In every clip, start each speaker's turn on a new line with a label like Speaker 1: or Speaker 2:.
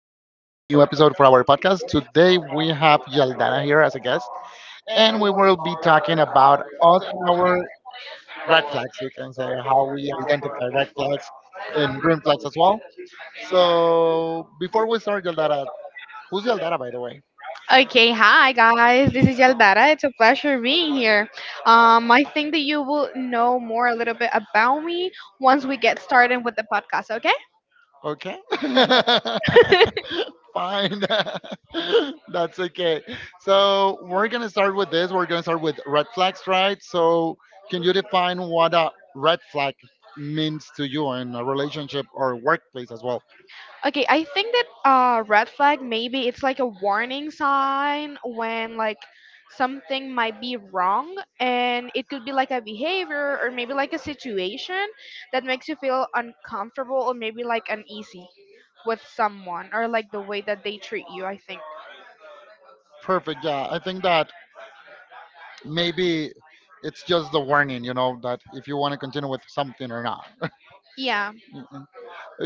Speaker 1: episode for our podcast. Today we have Yaldana here as a guest, and we will be talking about all our red flags. We can say how we identify red flags and green flags as well. So before we start, Yaldana, who's Yaldana, by the way?
Speaker 2: Okay, hi guys. This is Yaldara. It's a pleasure being here. I think that you will know more a little bit about me once we get started with the podcast. Okay?
Speaker 1: Okay. Fine. That's okay. So we're gonna start with this. We're gonna start with red flags, right? So can you define what a red flag means to you in a relationship or workplace as well?
Speaker 2: Okay. I think that red flag maybe it's like a warning sign when like something might be wrong, and it could be like a behavior or maybe like a situation that makes you feel uncomfortable or maybe like uneasy with someone or like the way that they treat you. I think.
Speaker 1: Perfect. Yeah, I think that maybe it's just the warning, you know, that if you want to continue with something or not.
Speaker 2: Yeah.
Speaker 1: Mhm.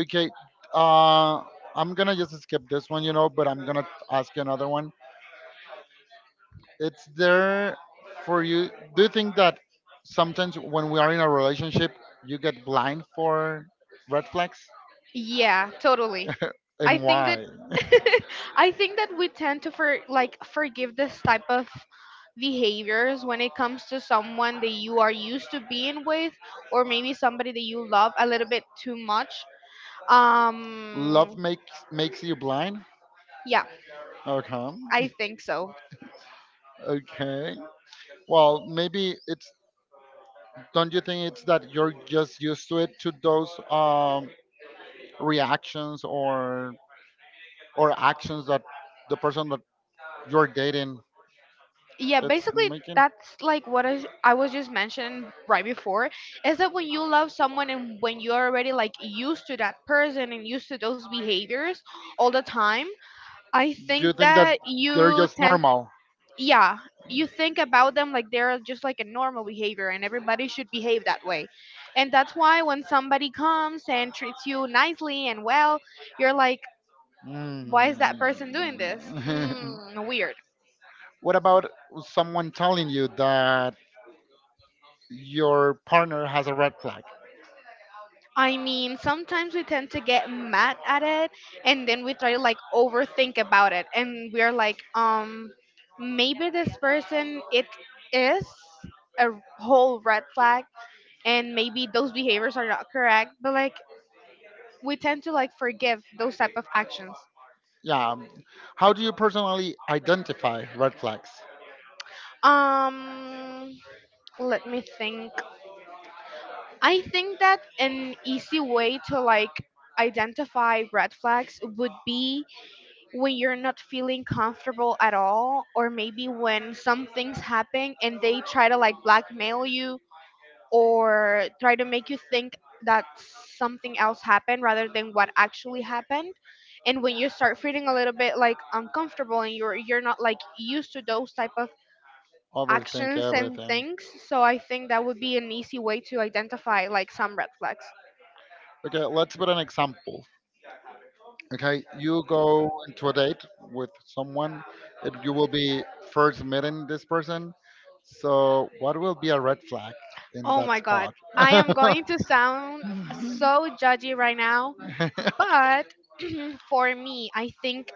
Speaker 1: Okay. Uh, I'm gonna just skip this one, you know, but I'm gonna ask you another one. It's there for you. Do you think that sometimes when we are in a relationship, you get blind for red flags?
Speaker 2: Yeah, totally. I
Speaker 1: And
Speaker 2: think that
Speaker 1: why?
Speaker 2: I think that we tend to forgive this type of behaviors when it comes to someone that you are used to being with or maybe somebody that you love a little bit too much.
Speaker 1: Love
Speaker 2: Um
Speaker 1: makes you blind.
Speaker 2: yeah, I
Speaker 1: Okay.
Speaker 2: think so.
Speaker 1: Okay. Well, maybe it's. Don't you think it's that you're just used to it, to those reactions or actions that the person that you're dating
Speaker 2: Yeah,
Speaker 1: it's
Speaker 2: basically
Speaker 1: making?
Speaker 2: that's like what I was just mentioning right before is that when you love someone and when you're already like used to that person and used to those behaviors all the time I
Speaker 1: Do you
Speaker 2: think
Speaker 1: think that
Speaker 2: that
Speaker 1: they're
Speaker 2: you
Speaker 1: just
Speaker 2: tend,
Speaker 1: normal?
Speaker 2: yeah, you think about them like they're just like a normal behavior and everybody should behave that way. And that's why when somebody comes and treats you nicely and well, you're like,
Speaker 1: Mm.
Speaker 2: why is that person doing this? Weird.
Speaker 1: What about someone telling you that your partner has a red flag?
Speaker 2: I mean, sometimes we tend to get mad at it and then we try to like overthink about it and we're like, maybe this person, it is a whole red flag and maybe those behaviors are not correct but like we tend to like forgive those type of actions.
Speaker 1: Yeah. How do you personally identify red flags?
Speaker 2: um Let me think. I think that an easy way to like identify red flags would be when you're not feeling comfortable at all or maybe when some things happen and they try to like blackmail you or try to make you think that something else happened rather than what actually happened, and when you start feeling a little bit like uncomfortable and you're not like used to those type of
Speaker 1: Overthink
Speaker 2: actions and
Speaker 1: everything.
Speaker 2: things. So I think that would be an easy way to identify like some red flags.
Speaker 1: Okay, let's put an example. Okay, you go into a date with someone, and you will be first meeting this person. So, what will be a red flag in
Speaker 2: Oh
Speaker 1: that
Speaker 2: my god,
Speaker 1: spot?
Speaker 2: I am going to sound so judgy right now, but for me I think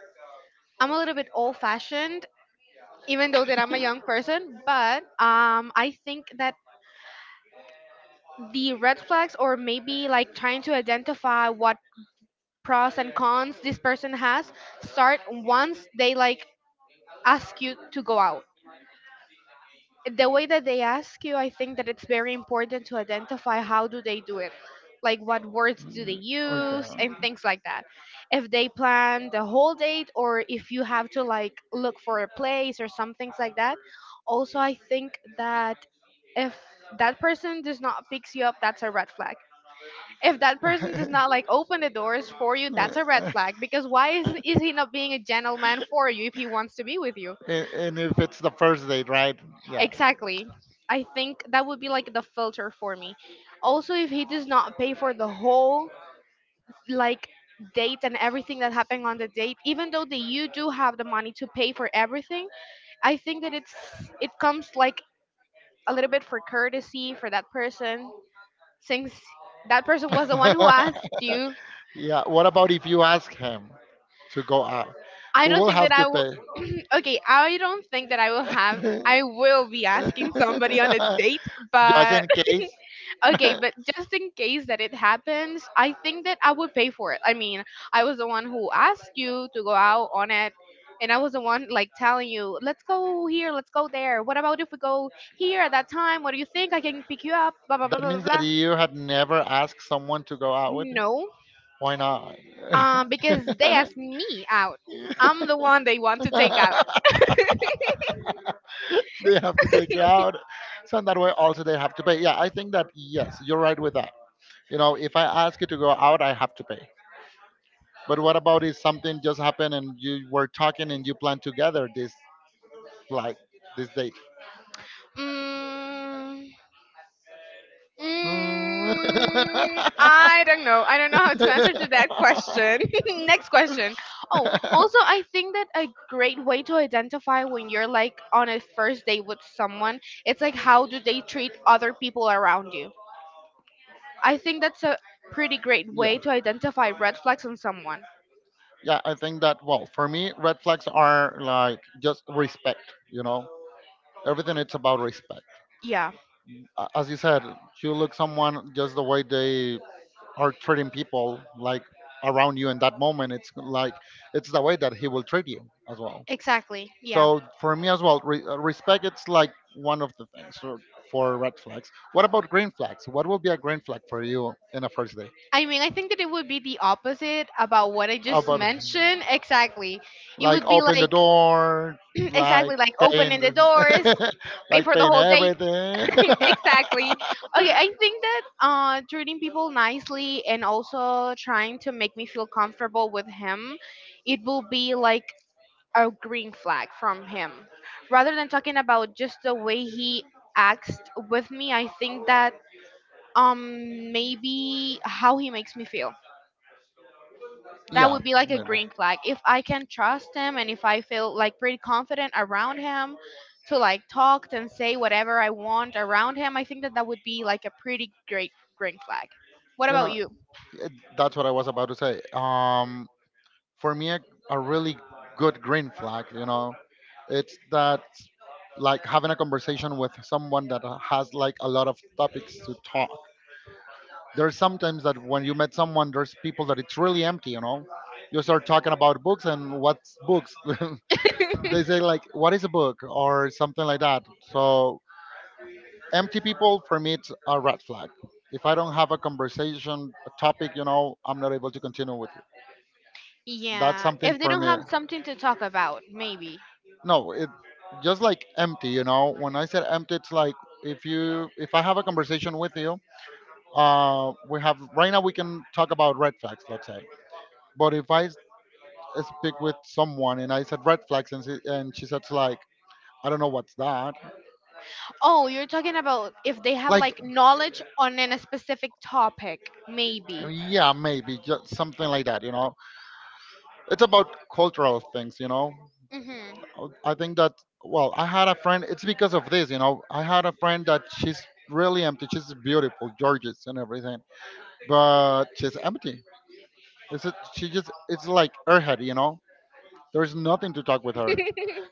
Speaker 2: I'm a little bit old fashioned, even though that I'm a young person, but I think that the red flags, or maybe like trying to identify what pros and cons this person has, start once they like ask you to go out. The way that they ask you, I think that it's very important to identify how do they do it, like what words do they use and things like that. If they plan the whole date or if you have to like look for a place or some things like that. Also, I think that if that person does not picks you up, that's a red flag. If that person does not like open the doors for you, that's a red flag. Because why is he not being a gentleman for you if he wants to be with you?
Speaker 1: And if it's the first date, right? Yeah.
Speaker 2: Exactly. I think that would be like the filter for me. Also, if he does not pay for the whole like date and everything that happened on the date, even though that you do have the money to pay for everything, I think that it comes like a little bit for courtesy for that person, since that person was the one who asked you.
Speaker 1: Yeah. What about if you ask him to go out?
Speaker 2: I
Speaker 1: We
Speaker 2: don't
Speaker 1: will
Speaker 2: think
Speaker 1: have
Speaker 2: that
Speaker 1: to
Speaker 2: I will.
Speaker 1: pay.
Speaker 2: Okay, I don't think that I will have. I will be asking somebody on a date,
Speaker 1: Just
Speaker 2: but
Speaker 1: in case.
Speaker 2: okay, but just in case that it happens, I think that I would pay for it. I mean, I was the one who asked you to go out on it, and I was the one like telling you, let's go here, let's go there. What about if we go here at that time? What do you think? I can pick you up. Blah blah blah
Speaker 1: That
Speaker 2: blah blah.
Speaker 1: means that
Speaker 2: Blah."
Speaker 1: you had never asked someone to go out with you.
Speaker 2: No,
Speaker 1: Why not?
Speaker 2: because they asked me out. I'm the one they want to take out.
Speaker 1: They have to take you out. So in that way, also they have to pay. Yeah, I think that yes, you're right with that. You know, if I ask you to go out, I have to pay. But what about if something just happened and you were talking and you planned together this like this date?
Speaker 2: Mm,
Speaker 1: Mm.
Speaker 2: I don't know. I don't know how to answer to that question. Next question. Oh, also, I think that a great way to identify when you're like on a first date with someone, it's like how do they treat other people around you. I think that's a pretty great
Speaker 1: Yeah.
Speaker 2: way to identify red flags on someone.
Speaker 1: Yeah, I think that, well, for me red flags are like just respect, you know. Everything it's about respect.
Speaker 2: Yeah,
Speaker 1: A- As you said, you look someone just the way they are treating people like around you in that moment, it's like it's the way that he will treat you as well.
Speaker 2: exactly.
Speaker 1: So
Speaker 2: Yeah.
Speaker 1: for me as well, respect it's like one of the things for red flags. What about green flags? What will be a green flag for you in a first date?
Speaker 2: I mean, I think that it would be the opposite about what I
Speaker 1: How
Speaker 2: just
Speaker 1: about
Speaker 2: mentioned. Exactly. It
Speaker 1: like
Speaker 2: would be
Speaker 1: open the
Speaker 2: like
Speaker 1: door, like
Speaker 2: exactly, like
Speaker 1: paying
Speaker 2: opening the doors,
Speaker 1: the,
Speaker 2: pay
Speaker 1: like
Speaker 2: for the
Speaker 1: paying
Speaker 2: whole date.
Speaker 1: everything?
Speaker 2: Exactly. Okay, I think that treating people nicely and also trying to make me feel comfortable with him, it will be like a green flag from him. Rather than talking about just the way he acts with me, I think that maybe how he makes me feel, that
Speaker 1: Yeah,
Speaker 2: would be like a
Speaker 1: maybe.
Speaker 2: green flag if I can trust him, and if I feel like pretty confident around him to like talk and say whatever I want around him. I think that that would be like a pretty great green flag. What
Speaker 1: You
Speaker 2: about
Speaker 1: know,
Speaker 2: you?
Speaker 1: it, that's what I was about to say. For me, a really good green flag, you know, it's that like having a conversation with someone that has like a lot of topics to talk. There's sometimes that when you met someone, there's people that it's really empty, you know. You start talking about books and what's books. They say like, "What is a book?" or something like that. So empty people, for me it's a red flag. If I don't have a conversation, a topic, you know, I'm not able to continue with it. That's
Speaker 2: Yeah,
Speaker 1: something
Speaker 2: if they
Speaker 1: for
Speaker 2: don't
Speaker 1: me.
Speaker 2: have something to talk about maybe.
Speaker 1: No it just like empty, you know. When I said empty, it's like, if you, if I have a conversation with you, we have right now, we can talk about red flags, let's say. But if I speak with someone and I said red flags, and and she said like, I don't know what's that.
Speaker 2: Oh, you're talking about if they have
Speaker 1: Like,
Speaker 2: like knowledge on in a specific topic maybe.
Speaker 1: yeah, maybe just something like that, you know. It's about cultural things, you know.
Speaker 2: Hmm.
Speaker 1: I think that, well, I had a friend. It's because of this, you know. I had a friend that she's really empty. She's beautiful, gorgeous, and everything, but she's empty. She just it's like airhead, you know. There's nothing to talk with her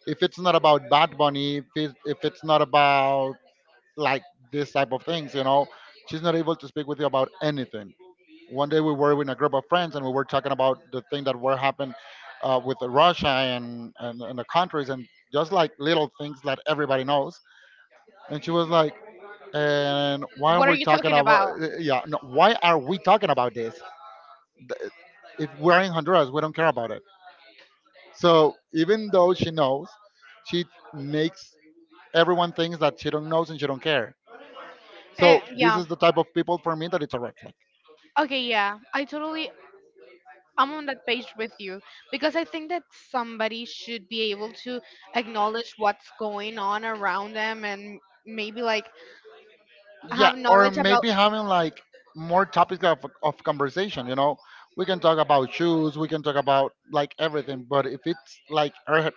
Speaker 1: if it's not about Bad Bunny. If it's not about like this type of things, you know, she's not able to speak with you about anything. One day we were in a group of friends and we were talking about the thing that were happened with Russia and the countries and just like little things that everybody knows. And she was like, "And why are
Speaker 2: What are
Speaker 1: we
Speaker 2: you
Speaker 1: talking
Speaker 2: talking about?
Speaker 1: about? Yeah, no, why are we talking about this? Th- If we're in Honduras, we don't care about it." So even though she knows, she makes everyone thinks that she don't knows and she don't care. So
Speaker 2: Eh,
Speaker 1: this
Speaker 2: yeah.
Speaker 1: is the type of people for me that it's a red flag.
Speaker 2: Okay, yeah. I totally I'm on that page with you because I think that somebody should be able to acknowledge what's going on around them and maybe like
Speaker 1: Yeah,
Speaker 2: have
Speaker 1: or
Speaker 2: knowledge about.
Speaker 1: maybe having like more topics of conversation, you know. We can talk about shoes, we can talk about like everything. But if it's like,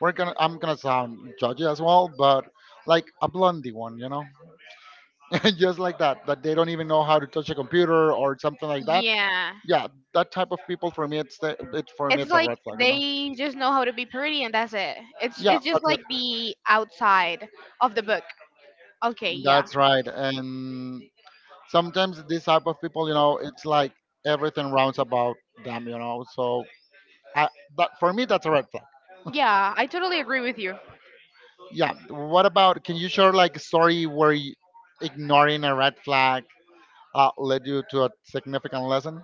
Speaker 1: we're gonna, I'm gonna sound judgy as well, but like a blondie one, you know. Just like that, that they don't even know how to touch a computer or something like that.
Speaker 2: Yeah.
Speaker 1: Yeah, that type of people for me it's the, it for me
Speaker 2: It's
Speaker 1: it's a
Speaker 2: like
Speaker 1: red flag, you know.
Speaker 2: they just know how to be pretty and that's it. It's
Speaker 1: Yeah,
Speaker 2: it's
Speaker 1: that's
Speaker 2: just
Speaker 1: it.
Speaker 2: like the outside of the book. Okay, yeah.
Speaker 1: That's right. And sometimes this type of people, you know, it's like everything rounds about them, you know, so. Uh, that for me, that's a red flag.
Speaker 2: Yeah, I totally agree with you.
Speaker 1: Yeah. What about? Can you share like a story where you, ignoring a red flag led you to a significant lesson?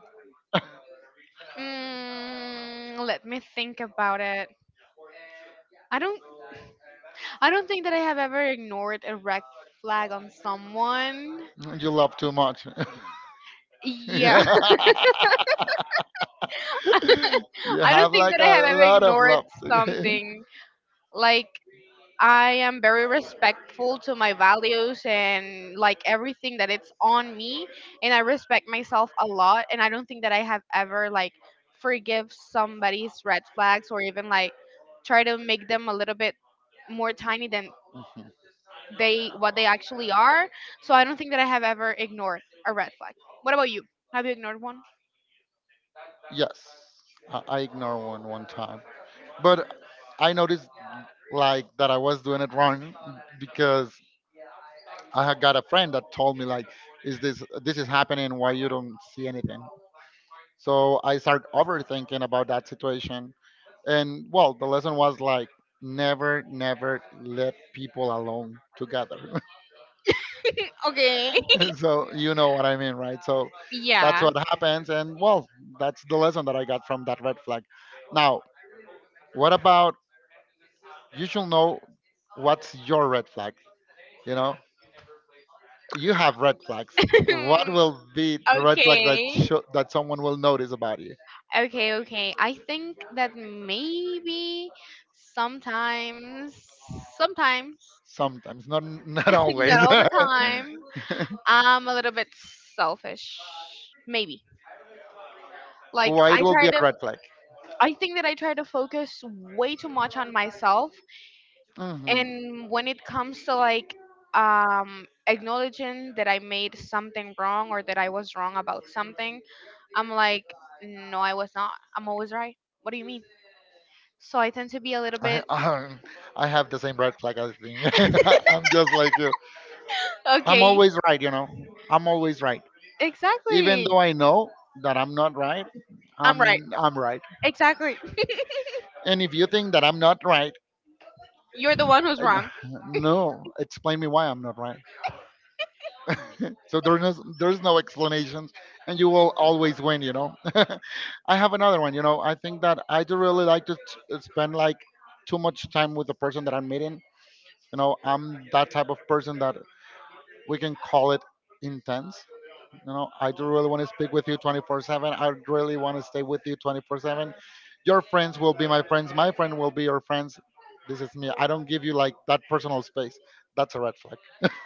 Speaker 2: Mm, let me think about it. I don't I don't think that I have ever ignored a red flag on someone.
Speaker 1: You love too much.
Speaker 2: Yeah.
Speaker 1: Yeah. You
Speaker 2: I don't
Speaker 1: have
Speaker 2: think
Speaker 1: like
Speaker 2: that I
Speaker 1: a
Speaker 2: have ever
Speaker 1: lot of
Speaker 2: ignored
Speaker 1: love.
Speaker 2: something. Like I am very respectful to my values and like everything that it's on me, and I respect myself a lot, and I don't think that I have ever like forgive somebody's red flags or even like try to make them a little bit more tiny than
Speaker 1: Mhm.
Speaker 2: they what they actually are. So I don't think that I have ever ignored a red flag. What about you? Have you ignored one?
Speaker 1: Yes. I ignore one time. But I noticed like that I was doing it wrong because I had got a friend that told me like, "Is this, this is happening? Why you don't see anything?" So I started overthinking about that situation, and well, the lesson was like, never, never let people alone together.
Speaker 2: Okay.
Speaker 1: So you know what I mean, right? So that's
Speaker 2: Yeah.
Speaker 1: what happens, and well, that's the lesson that I got from that red flag. Now, what about you? Should know what's your red flag. You know, you have red flags.
Speaker 2: Okay.
Speaker 1: What will be the red flag that show, that someone will notice about you?
Speaker 2: Okay, okay. I think that maybe sometimes, sometimes,
Speaker 1: Sometimes, not not
Speaker 2: not
Speaker 1: always.
Speaker 2: all the time, I'm a little bit selfish. Maybe. Like
Speaker 1: Why it
Speaker 2: I
Speaker 1: will be
Speaker 2: try
Speaker 1: a
Speaker 2: to
Speaker 1: red flag?
Speaker 2: I think that I try to focus way too much on myself,
Speaker 1: Mhm.
Speaker 2: and when it comes to like acknowledging that I made something wrong or that I was wrong about something, I'm like no, I was not. I'm always right. What do you mean? So I tend to be a little
Speaker 1: I,
Speaker 2: bit
Speaker 1: um, I have the same red flag, I think. I'm just like you. I'm
Speaker 2: okay.
Speaker 1: always right, you know. I'm always right. Even
Speaker 2: Exactly.
Speaker 1: though I know that I'm not right,
Speaker 2: I'm right.
Speaker 1: I'm right.
Speaker 2: Exactly.
Speaker 1: And if you think that I'm not right,
Speaker 2: You're the one who's wrong.
Speaker 1: no, explain me why I'm not right. So there is no explanations, and you will always win. You know. I have another one. You know, I think that I do really like to spend like too much time with the person that I'm meeting. You know, I'm that type of person that we can call it intense. You know, I do really want to speak with you 24/7. I really want to stay with you 24/7. Your friends will be my friends. My friend will be your friends. This is me. I don't give you like that personal space. That's a red flag.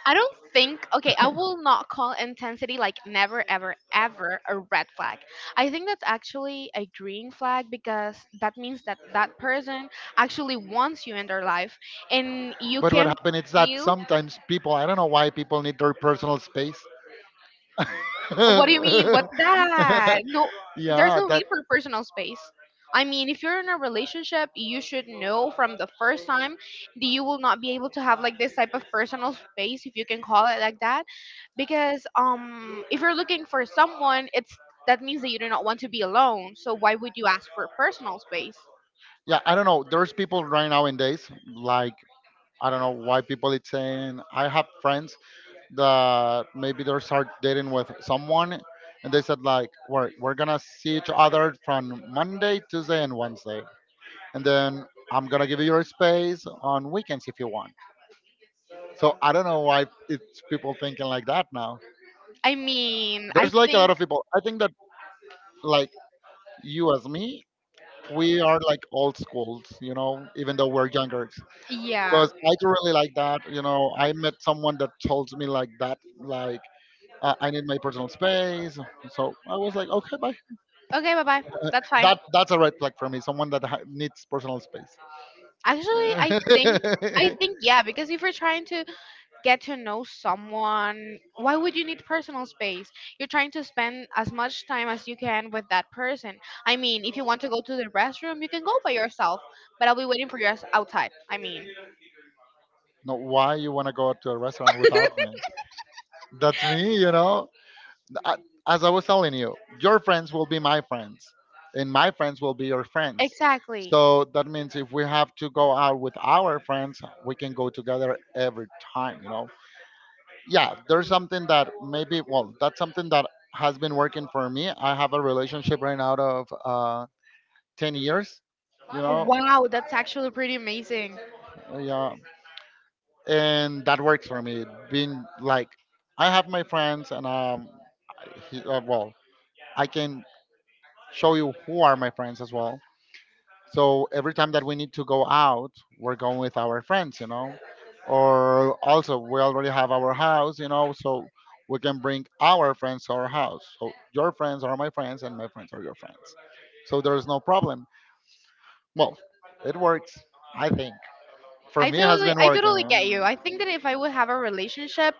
Speaker 2: I don't think, okay, I will not call intensity like never, ever, ever a red flag. I think that's actually a green flag because that means that that person actually wants you in their life and you
Speaker 1: But what
Speaker 2: can
Speaker 1: happened is that
Speaker 2: feel.
Speaker 1: sometimes people, I don't know why people need their personal space.
Speaker 2: What do you mean? What's
Speaker 1: Yeah,
Speaker 2: that? No, there's no
Speaker 1: that.
Speaker 2: need for personal space. I mean, if you're in a relationship, you should know from the first time that you will not be able to have like this type of personal space, if you can call it like that, because if you're looking for someone, it's that means that you do not want to be alone. So why would you ask for personal space?
Speaker 1: Yeah, I don't know. There's people right nowadays, like, I don't know why people it's saying. I have friends that maybe they start dating with someone, and they said like, we're gonna see each other from Monday, Tuesday, and Wednesday, and then I'm gonna give you your space on weekends if you want. So I don't know why it's people thinking like that now.
Speaker 2: I mean, I
Speaker 1: There's like a lot
Speaker 2: think
Speaker 1: of people, I think that like, you as me, we are like old schools, you know, even though we're younger.
Speaker 2: yeah.
Speaker 1: Because I do really like that, you know. I met someone that told me like that, like, I need my personal space. So I was like, okay, bye.
Speaker 2: Okay, bye bye. That's fine.
Speaker 1: That that's a red flag for me. Someone that needs personal space.
Speaker 2: Actually, I think I think yeah, because if you're trying to get to know someone, why would you need personal space? You're trying to spend as much time as you can with that person. I mean, if you want to go to the restroom, you can go by yourself, but I'll be waiting for you as- outside. I mean
Speaker 1: No, why you want to go to a restaurant without me? That's me, you know. I, as I was telling you, your friends will be my friends, and my friends will be your friends.
Speaker 2: exactly.
Speaker 1: So that means if we have to go out with our friends, we can go together every time, you know. Yeah, there's something that maybe, well, that's something that has been working for me. I have a relationship right now of 10 years you know
Speaker 2: Wow, that's actually pretty amazing.
Speaker 1: Yeah. And that works for me, being like I have my friends, and he, well, I can show you who are my friends as well. So every time that we need to go out, we're going with our friends. Or also, we already have our house, so we can bring our friends to our house. So your friends are my friends, and my friends are your friends. So there is no problem. Well, it works, I think. For
Speaker 2: i
Speaker 1: me, it has
Speaker 2: totally
Speaker 1: been
Speaker 2: i totally get you.
Speaker 1: working.
Speaker 2: I think that if I would have a relationship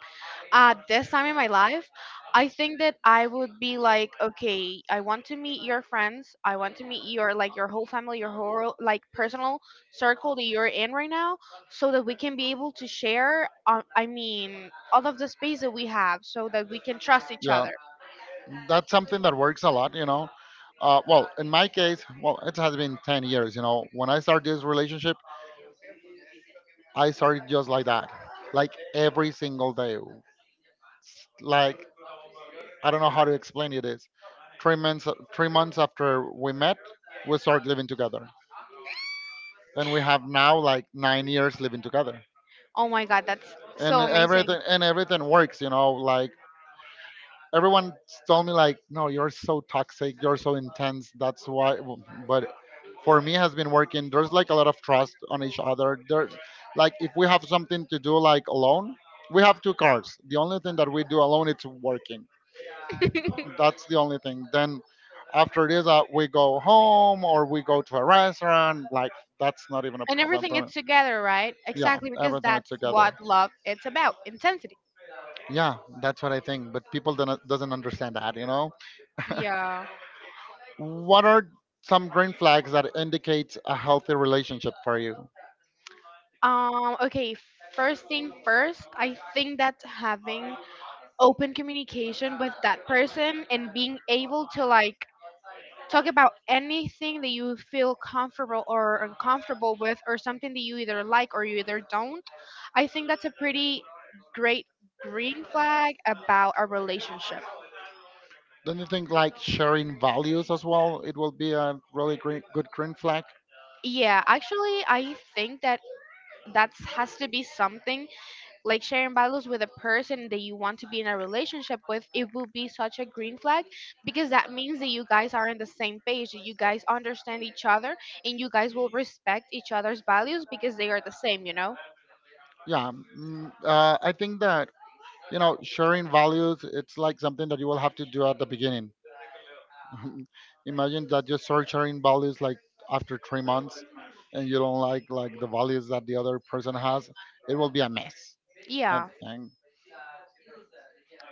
Speaker 2: at this time in my life, I think that I would be like, okay, I want to meet your friends. I want to meet your like your whole family, your whole like personal circle that you're in right now, so that we can be able to share. I mean, all of the space that we have, so that we can trust each
Speaker 1: Yeah,
Speaker 2: other.
Speaker 1: that's something that works a lot. Well, in my case, well, it has been 10 years. When I started this relationship, I started just like that, like every single day. Like I don't know how to explain it. Is three months three months after we met, we started living together, and we have now like 9 years living together.
Speaker 2: Oh my God, that's
Speaker 1: And
Speaker 2: so amazing.
Speaker 1: everything and everything works. Like everyone told me like no, you're so toxic, you're so intense. That's why but for me has been working. There's like a lot of trust on each other. There's like if we have something to do like alone, we have two cars. The only thing that we do alone, it's working. That's the only thing. Then after this we go home or we go to a restaurant, like that's not even a
Speaker 2: And
Speaker 1: problem
Speaker 2: everything
Speaker 1: for me.
Speaker 2: is together, right?
Speaker 1: Yeah,
Speaker 2: Exactly, because
Speaker 1: everything is
Speaker 2: that's
Speaker 1: together.
Speaker 2: what love it's about. Intensity.
Speaker 1: Yeah, that's what I think, but people don't, doesn't understand that.
Speaker 2: Yeah.
Speaker 1: What are some green flags that indicates a healthy relationship for you?
Speaker 2: Okay. First thing first, I think that having open communication with that person and being able to talk about anything that you feel comfortable or uncomfortable with or something that you either like or you either don't. I think that's a pretty great green flag about a relationship.
Speaker 1: Don't you think like sharing values as well? It will be a really green, good green flag.
Speaker 2: Yeah, actually, I think that that has to be something like sharing values with a person that you want to be in a relationship with. It will be such a green flag, because that means that you guys are on the same page, that you guys understand each other, and you guys will respect each other's values because they are the same, you know?
Speaker 1: Yeah. I think that sharing values. It's like something that you will have to do at the beginning. Imagine that you start sharing values like after 3 months, and you don't like the values that the other person has. It will be a mess. I
Speaker 2: Yeah.
Speaker 1: think.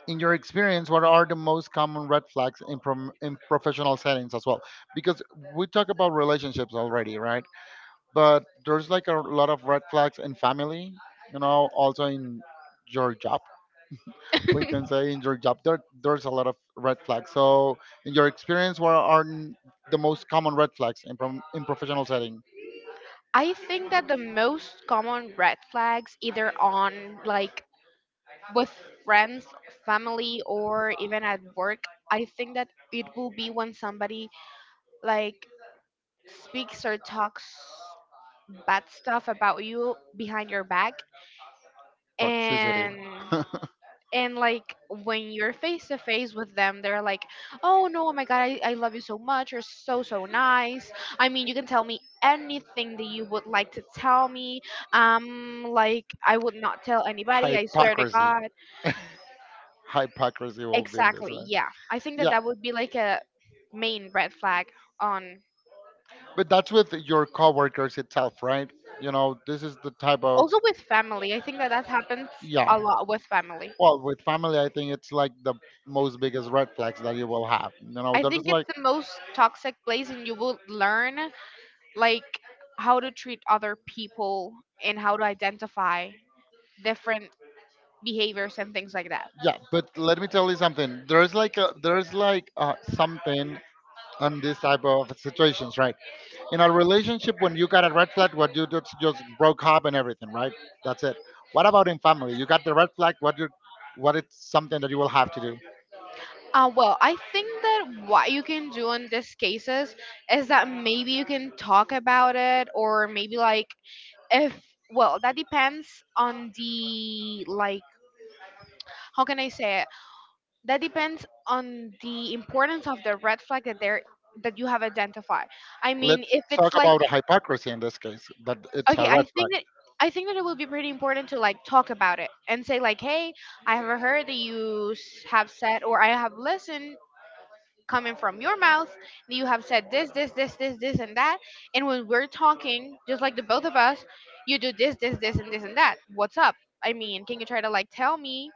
Speaker 1: In your experience, what are the most common red flags in professional settings as well? Because we talk about relationships already, right? But there's like a lot of red flags in family, you know, also in your job. We can say in your job, there's a lot of red flags. So, in your experience, what are the most common red flags in professional setting?
Speaker 2: I think that the most common red flags, either on like with friends, family, or even at work, I think that it will be when somebody like speaks or talks bad stuff about you behind your back.
Speaker 1: Toxicity,
Speaker 2: and and like when you're face to face with them they're like, oh no, oh my God, I love you so much, you're so so nice. I mean, you can tell me anything that you would like to tell me. Like I would not tell anybody, I swear to
Speaker 1: hypocrisy.
Speaker 2: God.
Speaker 1: Hypocrisy will be in this,
Speaker 2: Exactly,
Speaker 1: right?
Speaker 2: yeah, I think that
Speaker 1: Yeah.
Speaker 2: that would be like a main red flag on.
Speaker 1: But that's with your coworkers itself, right? You know, this is the type of,
Speaker 2: Also with family, I think that that happens
Speaker 1: yeah.
Speaker 2: a lot with family.
Speaker 1: Well, with family, I think it's like the most biggest red flags that you will have. You know,
Speaker 2: I
Speaker 1: there's
Speaker 2: think it's
Speaker 1: like
Speaker 2: the most toxic place, and you will learn like how to treat other people and how to identify different behaviors and things like that.
Speaker 1: yeah. But let me tell you something. There's like something on this type of situations, right? In a relationship, when you got a red flag, what you just broke up and everything, right? That's it. What about in family? You got the red flag. What it's something that you will have to do.
Speaker 2: Well, I think that what you can do in these cases is that maybe you can talk about it, or maybe like, if, well, that depends on the, like, how can I say it? That depends on the importance of the red flag that there, that you have identified. I mean,
Speaker 1: Let's
Speaker 2: if
Speaker 1: talk
Speaker 2: it's like.
Speaker 1: about the hypocrisy in this case. That it's
Speaker 2: Okay,
Speaker 1: a
Speaker 2: I
Speaker 1: red flag.
Speaker 2: think that, I think that it will be pretty important to like talk about it and say like, "Hey, I have heard that you have said, or I have listened coming from your mouth that you have said this, this, this, this, this and that." And when we're talking, just like the both of us, you do this, this, this and this and that. What's up? I mean, can you try to like tell me?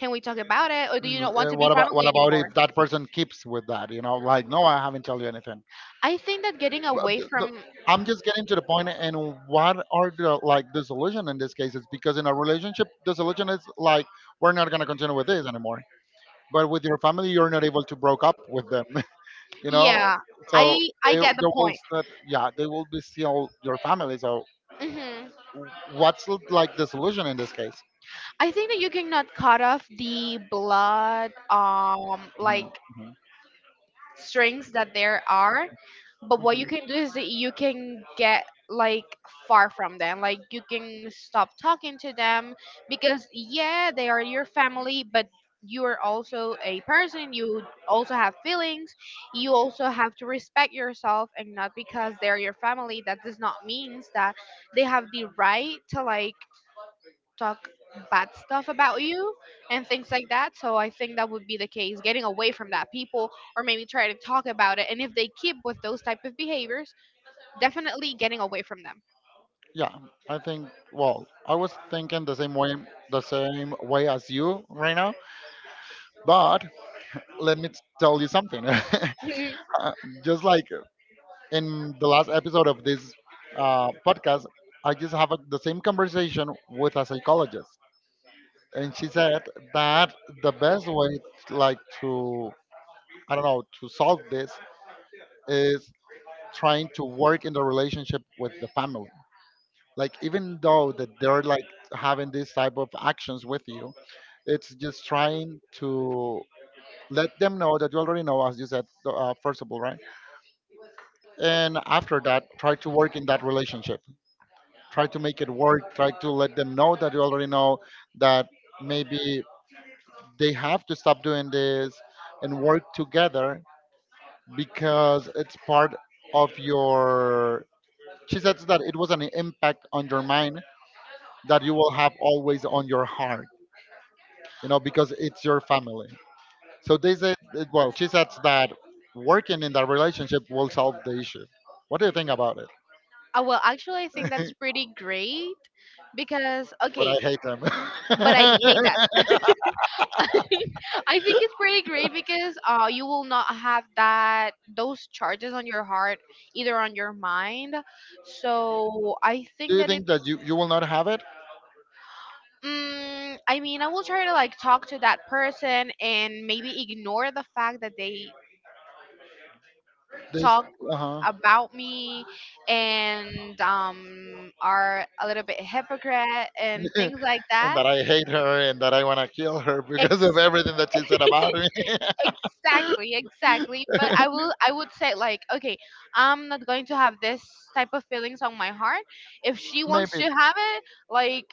Speaker 2: Can we talk about it, or do you not want to be
Speaker 1: What about
Speaker 2: family anymore?
Speaker 1: if that person keeps with that? You know, like no, I haven't told you anything.
Speaker 2: I think that getting
Speaker 1: But
Speaker 2: away from.
Speaker 1: I'm just getting to the point. And what are the like dissolution in this case? It's because in a relationship, the solution is like we're not gonna continue with this anymore. But with your family, you're not able to broke up with them. You know.
Speaker 2: Yeah,
Speaker 1: So
Speaker 2: I I
Speaker 1: they,
Speaker 2: get
Speaker 1: they
Speaker 2: the
Speaker 1: will
Speaker 2: point.
Speaker 1: start, yeah, they will be still your family. So
Speaker 2: Mhm.
Speaker 1: what's like the solution in this case?
Speaker 2: I think that you cannot cut off the blood, like
Speaker 1: Mhm, mhm.
Speaker 2: strings that there are. But what you can do is that you can get like far from them. Like, you can stop talking to them because yeah, they are your family, but you are also a person. You also have feelings. You also have to respect yourself, and not because they're your family. That does not means that they have the right to like talk bad stuff about you and things like that. So I think that would be the case, getting away from that people, or maybe try to talk about it. And if they keep with those type of behaviors, definitely getting away from them.
Speaker 1: Yeah, I think. Well, I was thinking the same way as you right now. But let me tell you something. Uh, just like in the last episode of this podcast, I just have the same conversation with a psychologist, and she said that the best way, like to I don't know, to solve this is trying to work in the relationship with the family. Like even though that they're like having these type of actions with you, it's just trying to let them know that you already know, as you said, first of all, right? And after that, try to work in that relationship. Try to make it work. Try to let them know that you already know that maybe they have to stop doing this and work together because it's part of your. She says that it was an impact on your mind that you will have always on your heart, because it's your family. So they said, well, she says that working in that relationship will solve the issue. What do you think about it?
Speaker 2: Well, actually, I think that's pretty great because
Speaker 1: But I
Speaker 2: okay,
Speaker 1: hate them.
Speaker 2: but I hate that. I think it's pretty great because you will not have that, those charges on your heart, either on your mind. So I
Speaker 1: Do
Speaker 2: think
Speaker 1: you
Speaker 2: that it.
Speaker 1: think that you will not have it?
Speaker 2: Mm, I mean, I will try to like talk to that person and maybe ignore the fact that they
Speaker 1: This,
Speaker 2: talk
Speaker 1: uh-huh.
Speaker 2: about me and are a little bit hypocrite and
Speaker 1: And
Speaker 2: things like that.
Speaker 1: that I hate her and that I want to kill her because of everything that she said about me.
Speaker 2: Exactly, exactly, but I would say like, okay, I'm not going to have this type of feelings on my heart. If she
Speaker 1: Maybe
Speaker 2: wants to
Speaker 1: it's
Speaker 2: have it, like,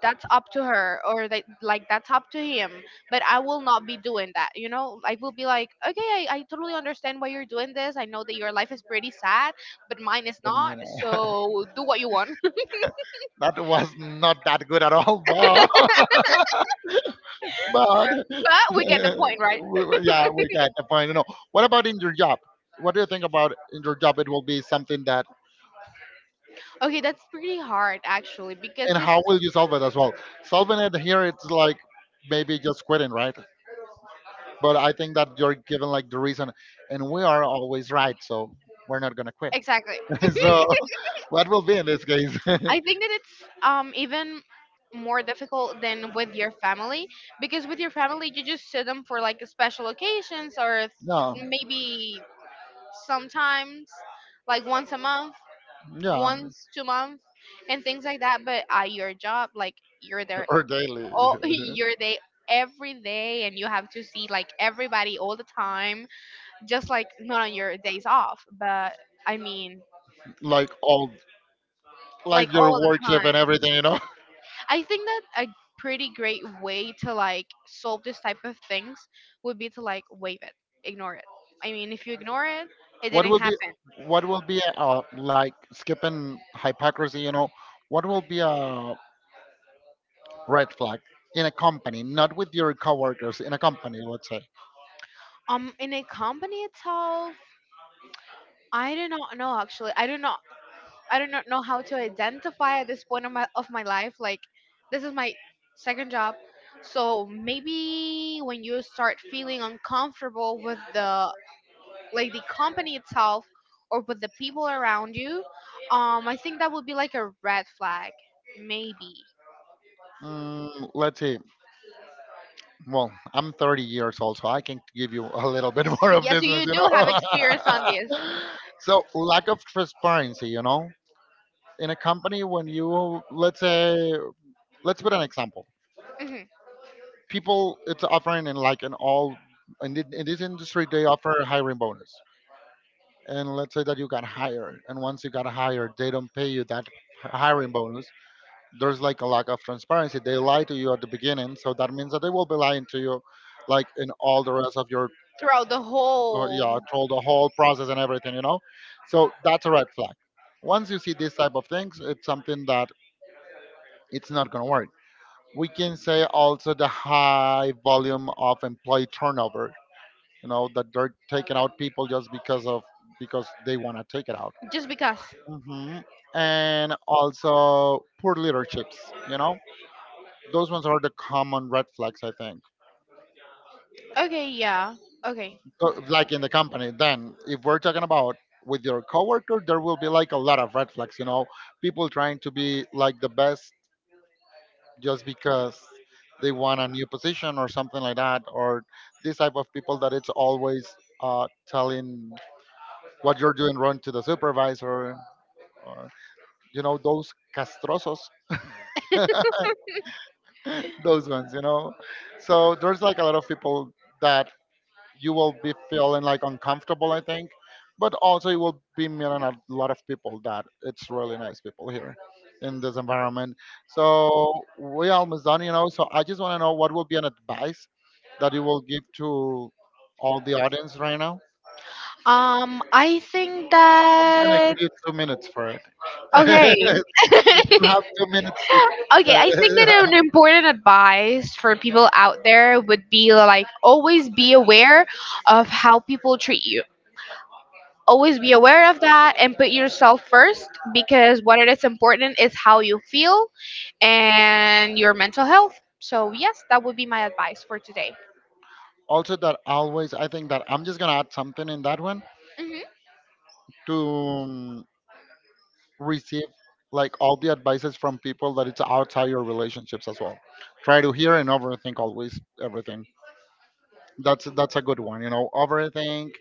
Speaker 2: that's up to her, or like that's up to him. But I will not be doing that. You know, I will be like, okay, I totally understand why you're doing this. I know that your life is pretty sad, but mine is
Speaker 1: the
Speaker 2: not,
Speaker 1: money.
Speaker 2: so do what you want.
Speaker 1: That was not that good at all, but but
Speaker 2: But we get the point, right?
Speaker 1: yeah, we got the point. No, what about in your job? What do you think about in your job? It will be something that,
Speaker 2: Okay, that's pretty hard actually,
Speaker 1: and
Speaker 2: because it.
Speaker 1: how will you solve it as well? Solving it here, it's like maybe just quitting, right? But I think that you're given like the reason, and we are always right, so we're not gonna quit.
Speaker 2: Exactly.
Speaker 1: So, what will be in this case?
Speaker 2: I think that it's even more difficult than with your family, because with your family you just see them for like special occasions, or
Speaker 1: No,
Speaker 2: maybe sometimes like once a month,
Speaker 1: yeah,
Speaker 2: once 2 month, and things like that. But at your job, like, you're there
Speaker 1: or daily.
Speaker 2: all you're there every day and you have to see like everybody all the time, just like not on your days off. But I mean,
Speaker 1: Like all,
Speaker 2: like,
Speaker 1: like your
Speaker 2: all the
Speaker 1: worship and
Speaker 2: time.
Speaker 1: everything.
Speaker 2: I think that a pretty great way to like solve this type of things would be to like waive it, ignore it. I mean, if you ignore it, it
Speaker 1: What
Speaker 2: didn't
Speaker 1: will be,
Speaker 2: happen.
Speaker 1: like skipping hypocrisy, what will be a red flag in a company, not with your coworkers, in a company, let's say.
Speaker 2: In a company itself, I do not know actually. I do not know how to identify at this point of my life. Like, this is my second job, so maybe when you start feeling uncomfortable with the, like, the company itself or with the people around you, I think that would be like a red flag, maybe.
Speaker 1: Mm, let's see. Well, I'm 30 years old, so I can give you a little bit more
Speaker 2: So
Speaker 1: of
Speaker 2: yes,
Speaker 1: this one,
Speaker 2: you
Speaker 1: you
Speaker 2: do have experience on this.
Speaker 1: know. So, lack of transparency, in a company, when you let's say let's put an example,
Speaker 2: Hmm.
Speaker 1: people it's offering in like an all in, in this industry they offer a hiring bonus. And let's say that you got hired, and once you got hired, they don't pay you that hiring bonus. There's like a lack of transparency. They lie to you at the beginning, so that means that they will be lying to you like in all the rest of your
Speaker 2: Throughout the
Speaker 1: yeah,
Speaker 2: whole.
Speaker 1: through the whole process and everything. So that's a red flag. Once you see this type of things, it's something that it's not going to work. We can say also the high volume of employee turnover, that they're taking out people just because of, because they want to take it out.
Speaker 2: Just because.
Speaker 1: Hmm. And also poor leaderships. Those ones are the common red flags, I think.
Speaker 2: Okay, yeah, okay.
Speaker 1: Like in the company, then if we're talking about with your coworker, there will be like a lot of red flags, people trying to be like the best just because they want a new position or something like that, or this type of people that it's always telling what you're doing wrong to the supervisor, or those castrosos, those ones. So there's like a lot of people that you will be feeling like uncomfortable, I think. But also, you will be meeting a lot of people that it's really nice people here in this environment. So we almost done. So I just want to know what will be an advice that you will give to all the audience right now.
Speaker 2: I think
Speaker 1: I gonna
Speaker 2: that.
Speaker 1: give you 2 minutes for it.
Speaker 2: Okay.
Speaker 1: You have 2 minutes to.
Speaker 2: Okay, I think that an important advice for people out there would be like, always be aware of how people treat you. Always be aware of that, and put yourself first, because what it is important is how you feel and your mental health. So yes, that would be my advice for today.
Speaker 1: Also, that always I think that I'm just gonna add something in that one
Speaker 2: Hmm.
Speaker 1: to receive like all the advices from people that it's outside your relationships as well. Try to hear and overthink always everything. That's a good one. Overthink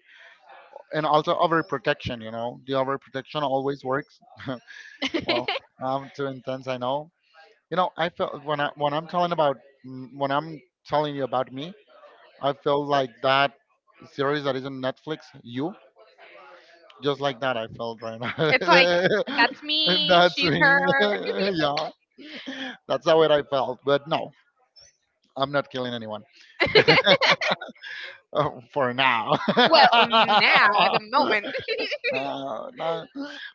Speaker 1: and also overprotection. The overprotection always works. Well, I'm too intense, I know. I feel when I'm telling when I'm telling you about me, I feel like that series that is on Netflix, you, just like that I felt right now.
Speaker 2: It's like, that's
Speaker 1: And
Speaker 2: me,
Speaker 1: that's
Speaker 2: she's
Speaker 1: me.
Speaker 2: her.
Speaker 1: Yeah. That's how it I felt. But no, I'm not killing anyone for now.
Speaker 2: Well, now at the moment.
Speaker 1: No.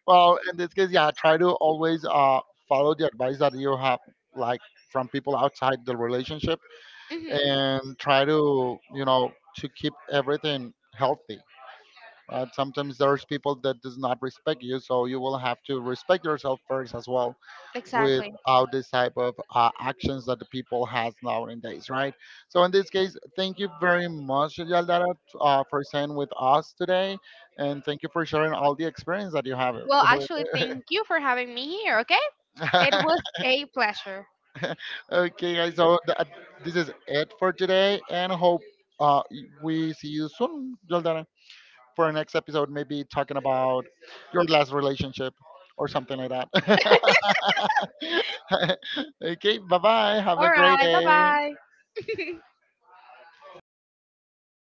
Speaker 1: Well, in this case, yeah, try to always follow the advice that you have, like from people outside the relationship,
Speaker 2: Hmm.
Speaker 1: and try to you know to keep everything healthy. Sometimes there's people that does not respect you, so you will have to respect yourself first as well.
Speaker 2: Exactly.
Speaker 1: Without this type of actions that the people has nowadays, right? So in this case, thank you very much, Yaldara, for staying with us today, and thank you for sharing all the experience that you have.
Speaker 2: Well, actually, thank you for having me here. Okay, it was a pleasure.
Speaker 1: Okay, guys, so this is it for today, and hope uh, we see you soon, Yaldara. For our next episode, maybe talking about your last relationship or something like that. Okay, bye bye. Have a
Speaker 2: All
Speaker 1: great
Speaker 2: right, bye
Speaker 1: day.
Speaker 2: bye.